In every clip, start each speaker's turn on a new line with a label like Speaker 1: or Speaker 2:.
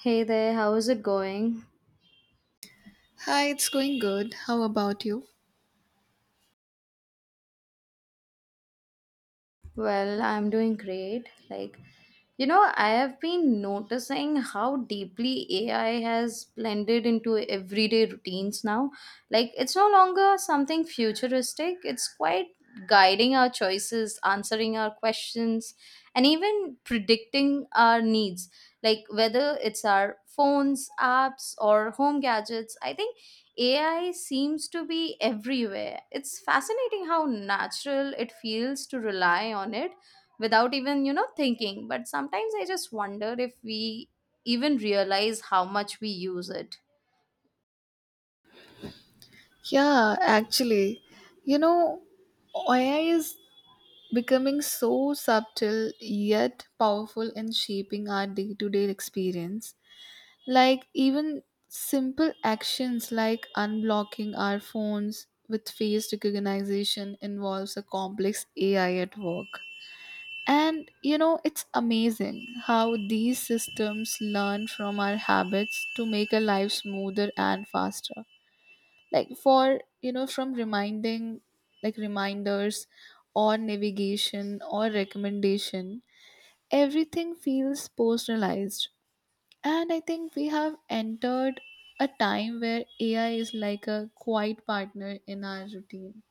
Speaker 1: Hey there, how's it going?
Speaker 2: Hi, it's going good. How about you?
Speaker 1: Well, I'm doing great. I have been noticing how deeply AI has blended into everyday routines now. Like, it's no longer something futuristic, it's quite guiding our choices, answering our questions, and even predicting our needs. Like whether it's our phones apps or home gadgets, I think AI seems to be everywhere. It's fascinating how natural it feels to rely on it without even thinking. But sometimes I just wonder if we even realize how much we use it.
Speaker 2: Yeah, actually, you know, AI is becoming so subtle yet powerful in shaping our day to day experience. Like, even simple actions like unblocking our phones with face recognition involves a complex AI at work. And it's amazing how these systems learn from our habits to make our life smoother and faster. Like for you know from reminding like reminders or navigation or recommendation, everything feels personalized. And I think we have entered a time where AI is like a quiet partner in our routine.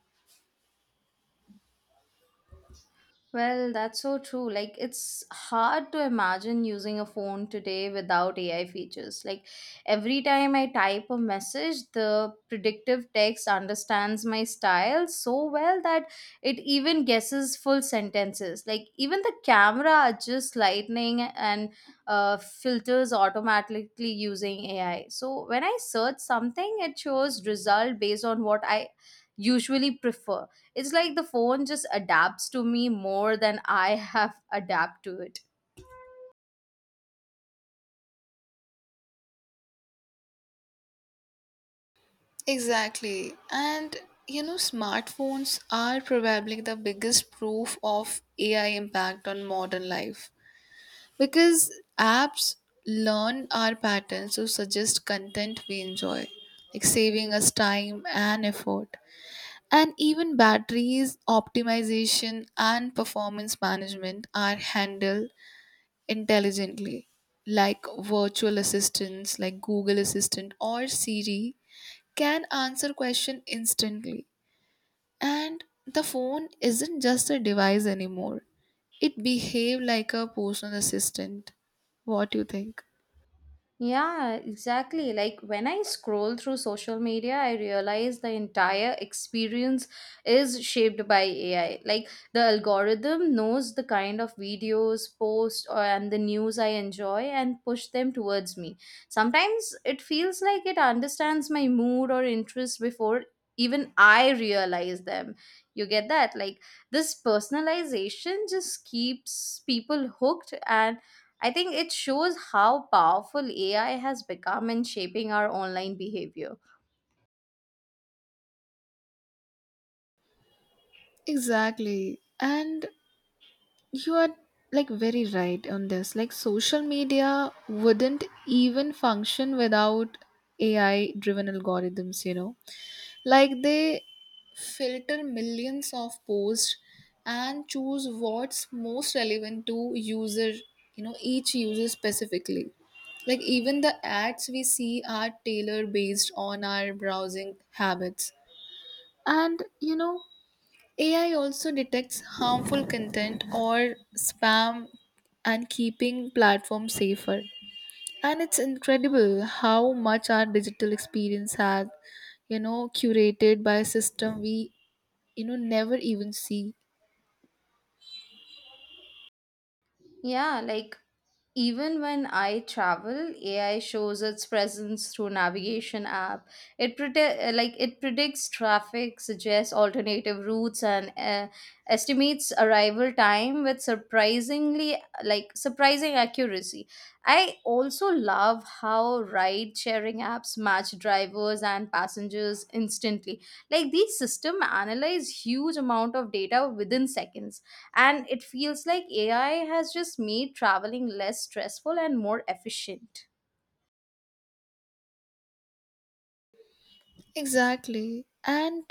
Speaker 1: Well, that's so true. Like, it's hard to imagine using a phone today without AI features. Like, every time I type a message, the predictive text understands my style so well that it even guesses full sentences. Like, even the camera adjusts lighting and filters automatically using AI. So, when I search something, it shows result based on what I usually prefer. It's like the phone just adapts to me more than I have adapt to it.
Speaker 2: Exactly. And smartphones are probably the biggest proof of AI impact on modern life. Because apps learn our patterns to suggest content we enjoy, like saving us time and effort. And even batteries, optimization, and performance management are handled intelligently. Like virtual assistants like Google Assistant or Siri can answer question instantly. And the phone isn't just a device anymore. It behaves like a personal assistant. What do you think?
Speaker 1: Yeah, exactly. Like when I scroll through social media, I realize the entire experience is shaped by AI. Like the algorithm knows the kind of videos, posts, or and the news I enjoy and push them towards me. Sometimes it feels like it understands my mood or interest before even I realize them. You get that? Like this personalization just keeps people hooked, and I think it shows how powerful AI has become in shaping our online behavior.
Speaker 2: Exactly. And you are, like, very right on this. Like, social media wouldn't even function without AI driven algorithms. Like they filter millions of posts and choose what's most relevant to user, each user specifically. Like even the ads we see are tailored based on our browsing habits. And AI also detects harmful content or spam and keeping platforms safer. And it's incredible how much our digital experience has, curated by a system we, never even see.
Speaker 1: Yeah, like even when I travel, AI shows its presence through navigation app. Like it predicts traffic, suggests alternative routes, and estimates arrival time with surprising accuracy. I also love how ride sharing apps match drivers and passengers instantly. Like these system analyze huge amount of data within seconds, and it feels like AI has just made traveling less stressful and more efficient.
Speaker 2: Exactly. And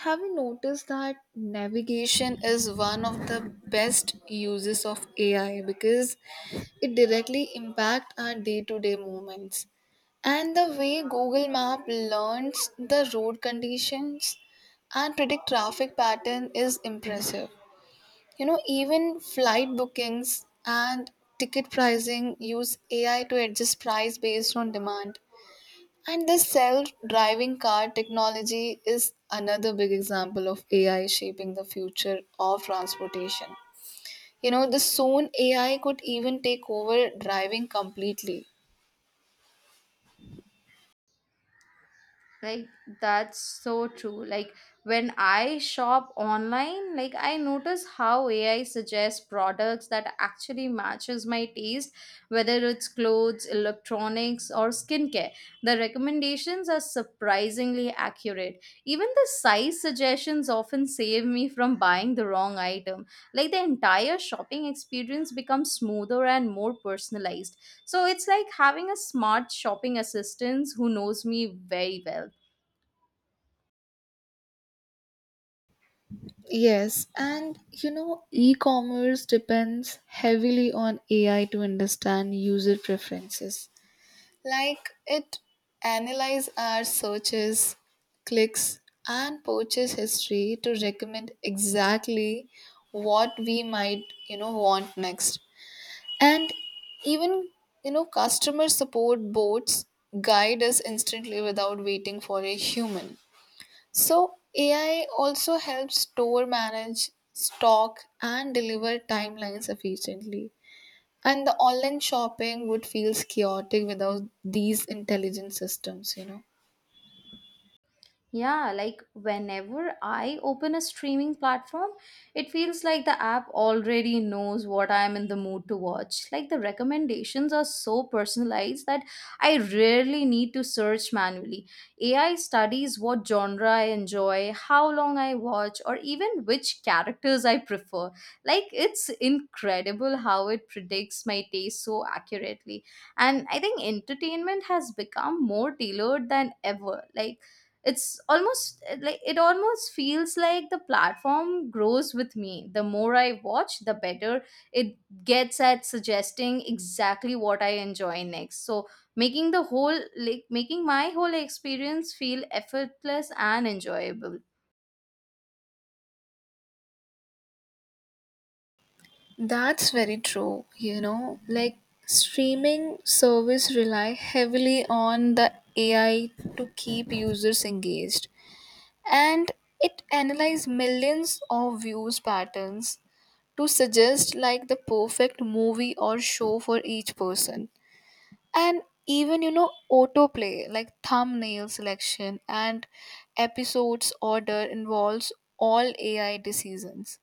Speaker 2: have you noticed that navigation is one of the best uses of AI because it directly impacts our day to day movements? And the way Google Map learns the road conditions and predict traffic pattern is impressive. Even flight bookings and ticket pricing use AI to adjust price based on demand. And the self driving car technology is another big example of AI shaping the future of transportation. The soon AI could even take over driving completely.
Speaker 1: Like that's so true. Like when I shop online, like I notice how AI suggests products that actually matches my taste, whether it's clothes, electronics or skincare. The recommendations are surprisingly accurate. Even the size suggestions often save me from buying the wrong item. Like the entire shopping experience becomes smoother and more personalized, so it's like having a smart shopping assistant who knows me very well.
Speaker 2: Yes, and e commerce depends heavily on AI to understand user preferences. Like it analyzes our searches, clicks, and purchase history to recommend exactly what we might, want next. And even, customer support bots guide us instantly without waiting for a human. So AI also helps store manage, stock, and deliver timelines efficiently. And the online shopping would feel chaotic without these intelligent systems.
Speaker 1: Yeah, like whenever I open a streaming platform, it feels like the app already knows what I am in the mood to watch. Like the recommendations are so personalized that I rarely need to search manually. AI studies what genre I enjoy, how long I watch, or even which characters I prefer. Like it's incredible how it predicts my taste so accurately. And I think entertainment has become more tailored than ever. Like it almost feels like the platform grows with me. The more I watch, the better it gets at suggesting exactly what I enjoy next, so making my whole experience feel effortless and enjoyable.
Speaker 2: That's very true. Like, streaming service rely heavily on the AI to keep users engaged, and it analyze millions of views patterns to suggest like the perfect movie or show for each person. And even autoplay, like thumbnail selection and episodes order, involves all AI decisions.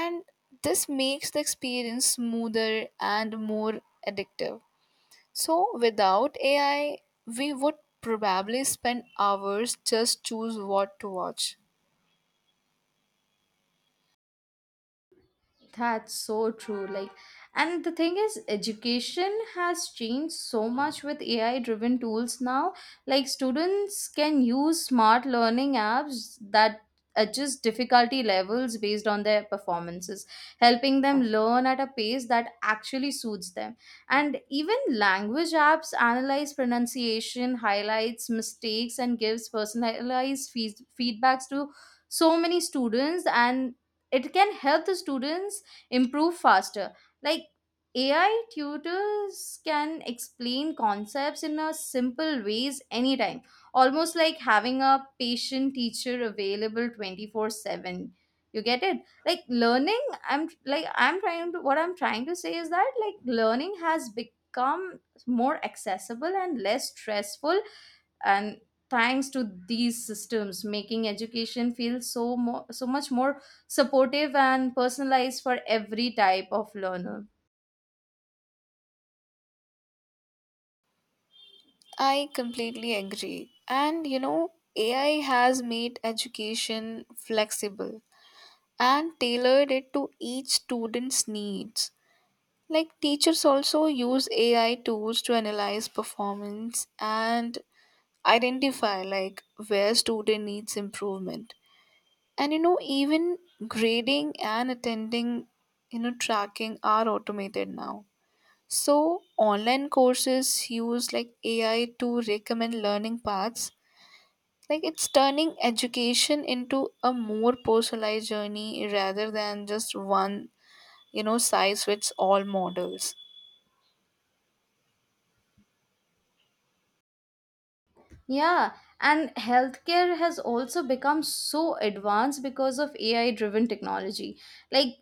Speaker 2: And this makes the experience smoother and more addictive. So without AI we would probably spend hours just choose what to watch.
Speaker 1: That's so true. Like, and the thing is, education has changed so much with AI driven tools now. Like, students can use smart learning apps that adjust difficulty levels based on their performances, helping them learn at a pace that actually suits them. And even language apps analyze pronunciation, highlights mistakes, and gives personalized fees feedbacks to so many students, and it can help the students improve faster. Like AI tutors can explain concepts in a simple ways anytime, almost like having a patient teacher available 24/7. You get it? Like learning, I'm like I'm trying to what I'm trying to say is that like learning has become more accessible and less stressful, and thanks to these systems making education feel so more so much more supportive and personalized for every type of learner.
Speaker 2: I completely agree. And AI has made education flexible and tailored it to each student's needs. Like teachers also use AI tools to analyze performance and identify like where student needs improvement. And even grading and attending tracking are automated now. So online courses use like AI to recommend learning paths. Like it's turning education into a more personalized journey rather than just one size fits all models.
Speaker 1: Yeah, and healthcare has also become so advanced because of AI driven technology. Like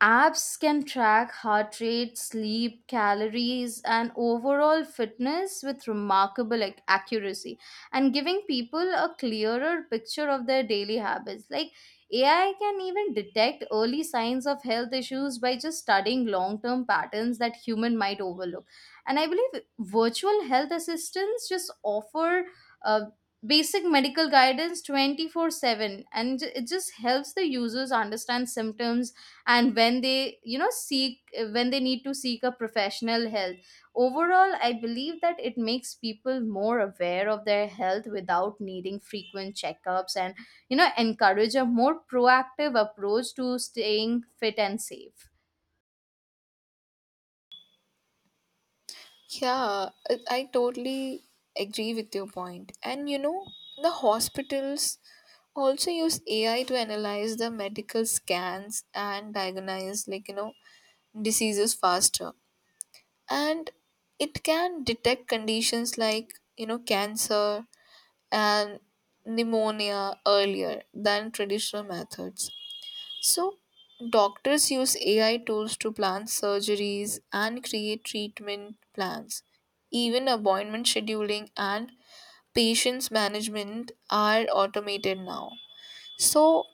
Speaker 1: apps can track heart rate, sleep, calories, and overall fitness with accuracy, and giving people a clearer picture of their daily habits. Like AI can even detect early signs of health issues by just studying long term patterns that human might overlook. And I believe virtual health assistants just offer uh, basic medical guidance 24/7, and it just helps the users understand symptoms and when they need to seek a professional help. Overall, I believe that it makes people more aware of their health without needing frequent checkups, and you know encourage a more proactive approach to staying fit and safe.
Speaker 2: Yeah, I totally agree with your point. And the hospitals also use AI to analyze the medical scans and diagnose, like, diseases faster. And it can detect conditions like, cancer and pneumonia earlier than traditional methods. So, doctors use AI tools to plan surgeries and create treatment plans. Even appointment scheduling and patients management are automated now. So,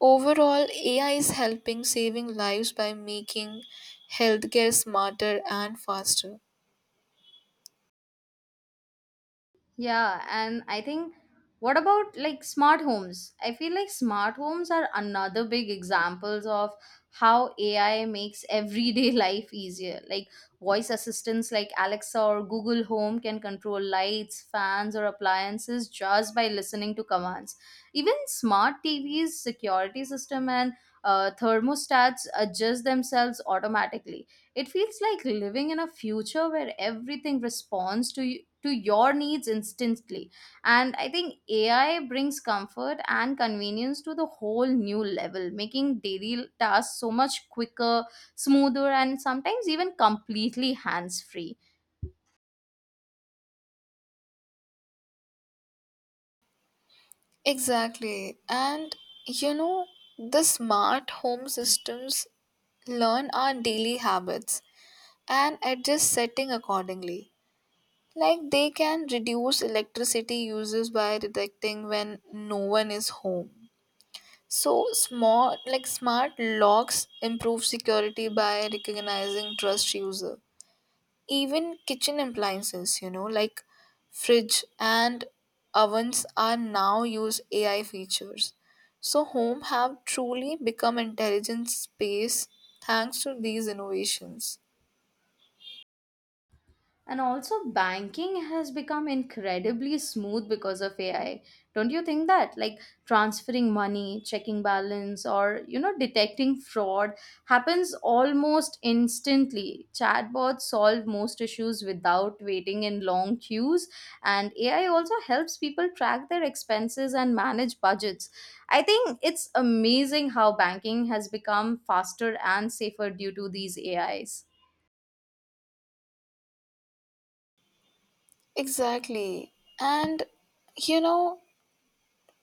Speaker 2: overall, AI is helping saving lives by making healthcare smarter and faster.
Speaker 1: Yeah, and I think what about like smart homes? I feel like smart homes are another big examples of how AI makes everyday life easier. Like voice assistants like Alexa or Google Home can control lights, fans or appliances just by listening to commands. Even smart TVs, security system and thermostats adjust themselves automatically. It feels like living in a future where everything responds to you, to your needs instantly. And I think AI brings comfort and convenience to the whole new level, making daily tasks so much quicker, smoother, and sometimes even completely hands free.
Speaker 2: Exactly. And you know, the smart home systems learn our daily habits and adjust setting accordingly. Like they can reduce electricity uses by detecting when no one is home. So smart locks improve security by recognizing trust user. Even kitchen appliances, like fridge and ovens are now use AI features. So home have truly become intelligent space thanks to these innovations.
Speaker 1: And also, banking has become incredibly smooth because of AI. Don't you think that? Like transferring money, checking balance, or you know, detecting fraud happens almost instantly. Chatbots solve most issues without waiting in long queues, and AI also helps people track their expenses and manage budgets. I think it's amazing how banking has become faster and safer due to these AIs.
Speaker 2: Exactly. And you know,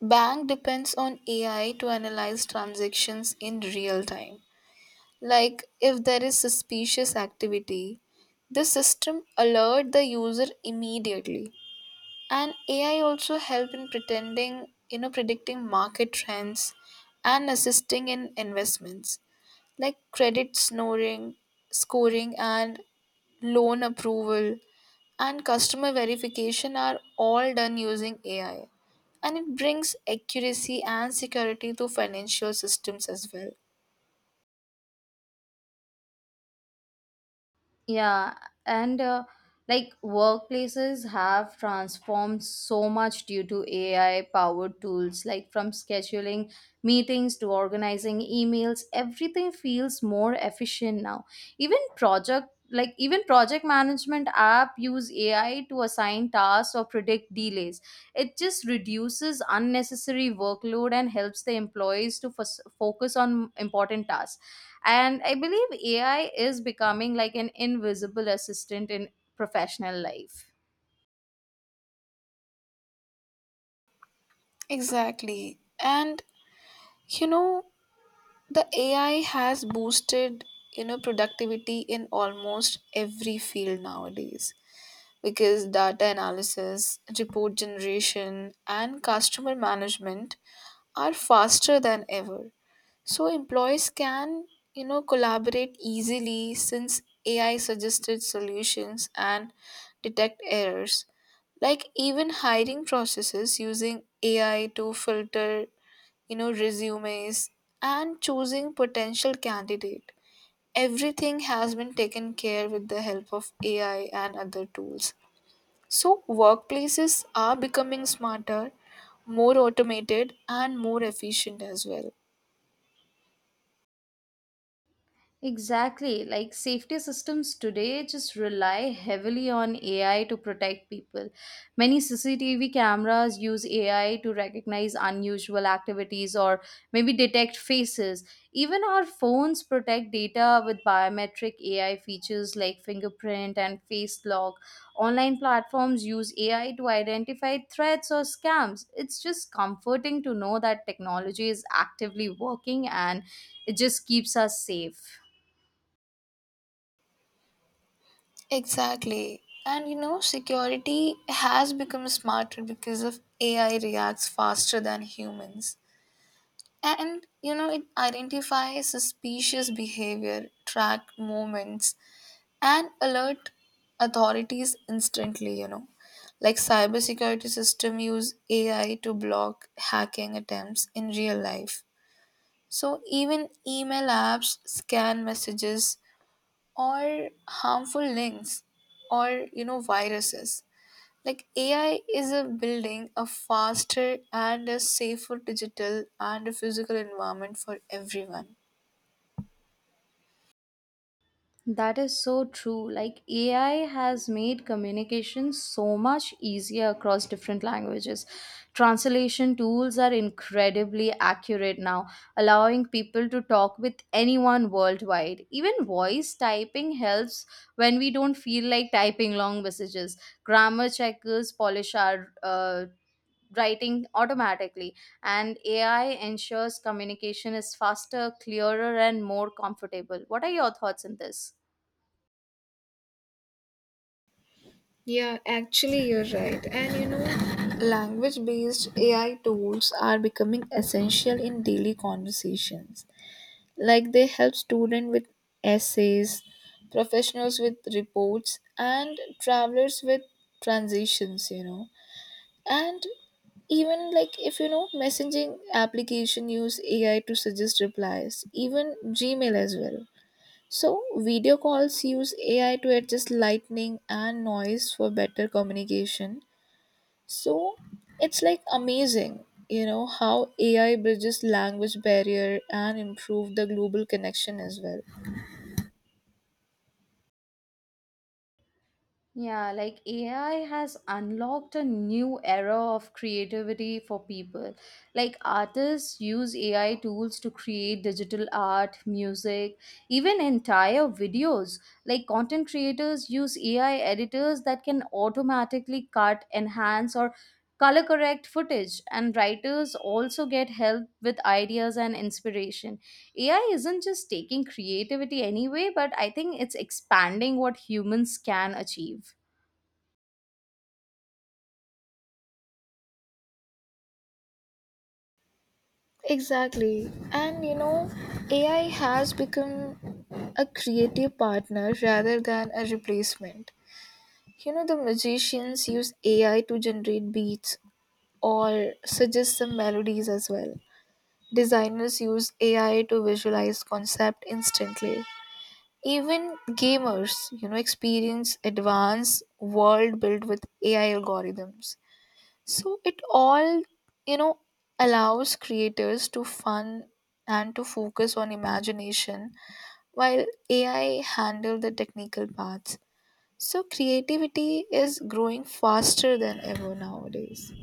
Speaker 2: Bank depends on AI to analyze transactions in real time. Like if there is suspicious activity, the system alert the user immediately. And AI also help in pretending, predicting market trends and assisting in investments, like credit scoring and loan approval and customer verification are all done using AI. And it brings accuracy and security to financial systems as well.
Speaker 1: Yeah, and like workplaces have transformed so much due to AI powered tools, like from scheduling meetings to organizing emails, everything feels more efficient now. Even project management app use AI to assign tasks or predict delays. It just reduces unnecessary workload and helps the employees to focus on important tasks, and I believe AI is becoming like an invisible assistant in professional life.
Speaker 2: Exactly. And you know, the AI has boosted, productivity in almost every field nowadays. Because data analysis, report generation, and customer management are faster than ever. So employees can, collaborate easily since AI suggested solutions and detect errors. Like even hiring processes using AI to filter, resumes and choosing potential candidate. Everything has been taken care with the help of AI and other tools. So, workplaces are becoming smarter, more automated, and more efficient as well.
Speaker 1: Exactly. Like safety systems today just rely heavily on AI to protect people. Many CCTV cameras use AI to recognize unusual activities or maybe detect faces. Even our phones protect data with biometric AI features like fingerprint and face lock. Online platforms use AI to identify threats or scams. It's just comforting to know that technology is actively working, and it just keeps us safe.
Speaker 2: Exactly. And security has become smarter because of AI reacts faster than humans. And it identifies suspicious behavior, track movements, and alert authorities instantly. Like cybersecurity system use AI to block hacking attempts in real life. So even email apps, scan messages or harmful links or viruses. Like AI is a building a faster and a safer digital and a physical environment for everyone.
Speaker 1: That is so true. Like AI has made communication so much easier across different languages. Translation tools are incredibly accurate now, allowing people to talk with anyone worldwide. Even voice typing helps when we don't feel like typing long messages. Grammar checkers polish our writing automatically, and AI ensures communication is faster, clearer, and more comfortable. What are your thoughts on this?
Speaker 2: Yeah, actually, you're right. And language based AI tools are becoming essential in daily conversations. Like, they help students with essays, professionals with reports, and travelers with transitions and even, like, if messaging application use AI to suggest replies, even Gmail as well. So video calls use AI to adjust lightning and noise for better communication. So it's like amazing how AI bridges language barrier and improve the global connection as well.
Speaker 1: Yeah, like AI has unlocked a new era of creativity for people. Like artists use AI tools to create digital art, music, even entire videos. Like content creators use AI editors that can automatically cut, enhance, or color correct footage. And writers also get help with ideas and inspiration. AI isn't just taking creativity anyway, but I think it's expanding what humans can achieve.
Speaker 2: Exactly. And AI has become a creative partner rather than a replacement. The musicians use AI to generate beats or suggest some melodies as well. Designers use AI to visualize concept instantly. Even gamers, experience advanced world built with AI algorithms. So it all, you know, allows creators to fun and to focus on imagination while AI handle the technical parts. So creativity is growing faster than ever nowadays.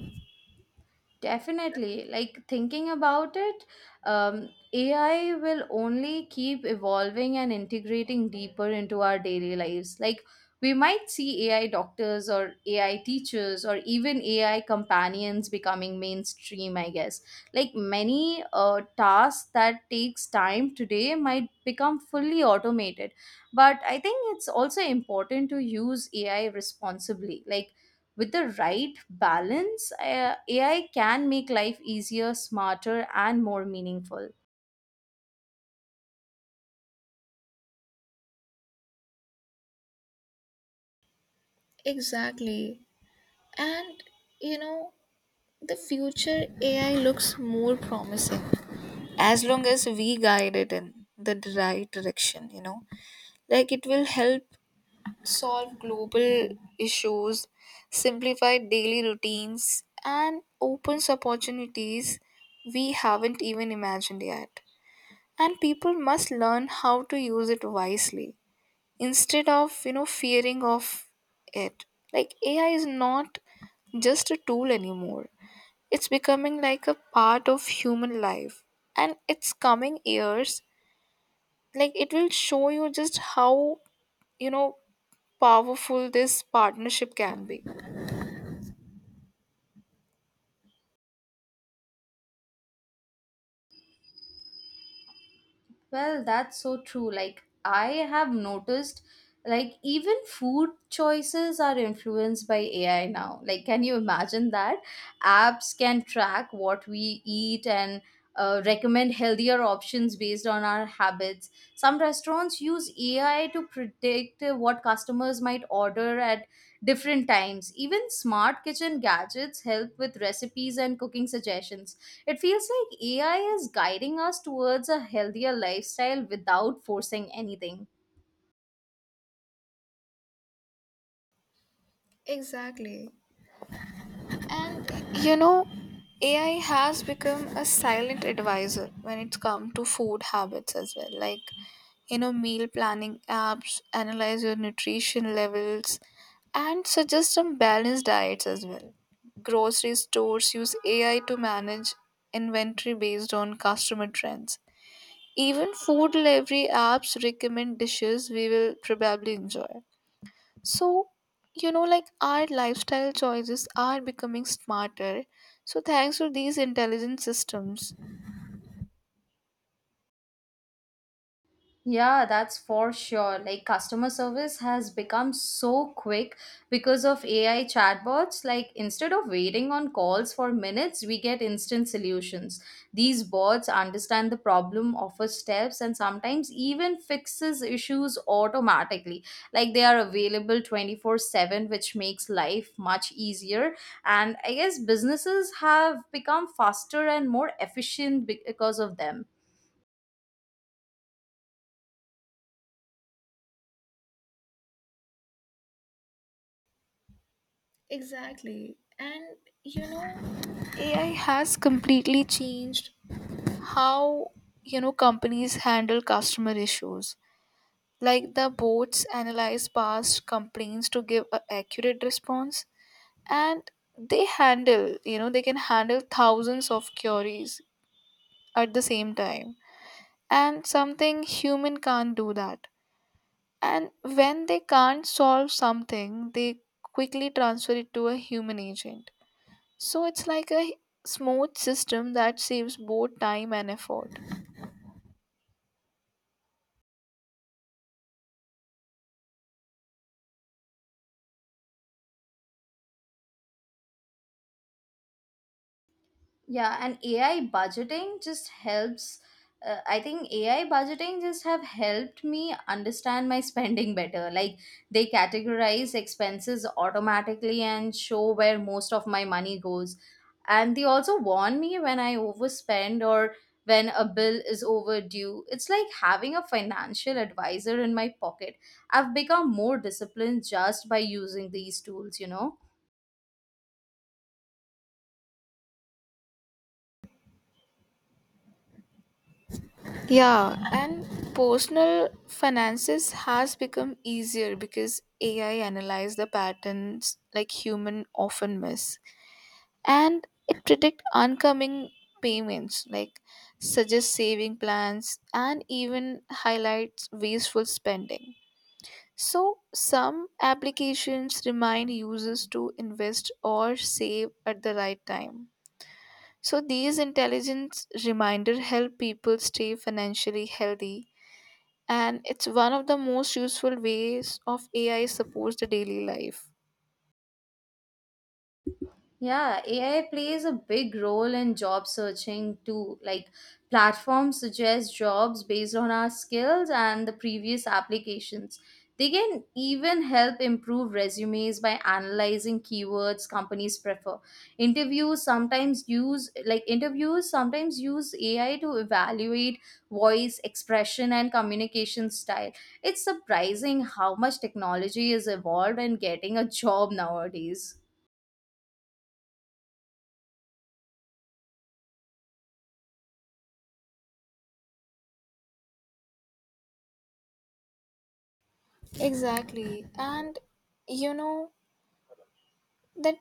Speaker 1: Definitely. Like thinking about it, AI will only keep evolving and integrating deeper into our daily lives. Like we might see AI doctors or AI teachers or even AI companions becoming mainstream, I guess. Like many tasks that takes time today might become fully automated. But I think it's also important to use AI responsibly. Like with the right balance, AI can make life easier, smarter, and more meaningful.
Speaker 2: Exactly. And you know, the future AI looks more promising as long as we guide it in the right direction. Like it will help solve global issues, simplify daily routines, and opens opportunities we haven't even imagined yet. And people must learn how to use it wisely instead of, fearing of it. Like AI is not just a tool anymore. It's becoming like a part of human life. And its coming years, like it will show you just how, you know, powerful this partnership can be.
Speaker 1: Well, that's so true. Like, I have noticed, like, even food choices are influenced by AI now. Like, can you imagine that? Apps can track what we eat and recommend healthier options based on our habits. Some restaurants use AI to predict what customers might order at different times. Even smart kitchen gadgets help with recipes and cooking suggestions. It feels like AI is guiding us towards a healthier lifestyle without forcing anything.
Speaker 2: Exactly. And you know, AI has become a silent advisor when it's come to food habits as well. Like, meal planning apps analyze your nutrition levels and suggest some balanced diets as well. Grocery stores use AI to manage inventory based on customer trends. Even food delivery apps recommend dishes we will probably enjoy. So, like our lifestyle choices are becoming smarter. So, thanks to these intelligent systems.
Speaker 1: Yeah, that's for sure. Like customer service has become so quick because of AI chatbots. Like instead of waiting on calls for minutes, we get instant solutions. These bots understand the problem, offer steps, and sometimes even fixes issues automatically. Like they are available 24/7, which makes life much easier. And I guess businesses have become faster and more efficient because of them.
Speaker 2: Exactly. And you know, AI has completely changed how, companies handle customer issues. Like the bots analyze past complaints to give a accurate response, and they can handle thousands of queries at the same time. And something human can't do that. And when they can't solve something, they quickly transfer it to a human agent. So it's like a smooth system that saves both time and effort.
Speaker 1: Yeah, and AI budgeting just helps. I think AI budgeting just have helped me understand my spending better. Like they categorize expenses automatically and show where most of my money goes. And they also warn me when I overspend or when a bill is overdue. It's like having a financial advisor in my pocket. I've become more disciplined just by using these tools, you know?
Speaker 2: Yeah, and personal finances has become easier because AI analyze the patterns like human often miss. And it predict oncoming payments, like suggest saving plans, and even highlights wasteful spending. So some applications remind users to invest or save at the right time. So these intelligence reminder help people stay financially healthy. And it's one of the most useful ways of AI supports the daily life.
Speaker 1: Yeah, AI plays a big role in job searching too. Like platforms suggest jobs based on our skills and the previous applications. They can even help improve resumes by analyzing keywords companies prefer. Interviews sometimes use AI to evaluate voice, expression and communication style. It's surprising how much technology is evolved in getting a job nowadays.
Speaker 2: Exactly. And you know that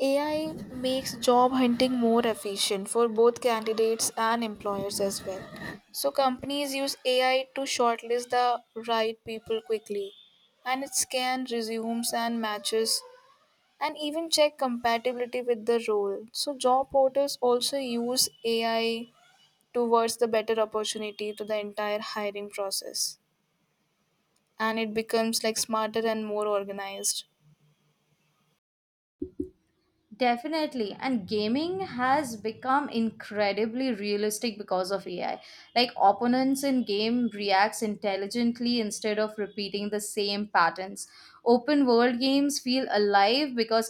Speaker 2: AI makes job hunting more efficient for both candidates and employers as well. So, companies use AI to shortlist the right people quickly, and it scans resumes and matches and even check compatibility with the role. So, job portals also use AI towards the better opportunity to the entire hiring process, and it becomes like smarter and more organized.
Speaker 1: Definitely. And gaming has become incredibly realistic because of AI. Like opponents in game reacts intelligently instead of repeating the same patterns. Open world games feel alive because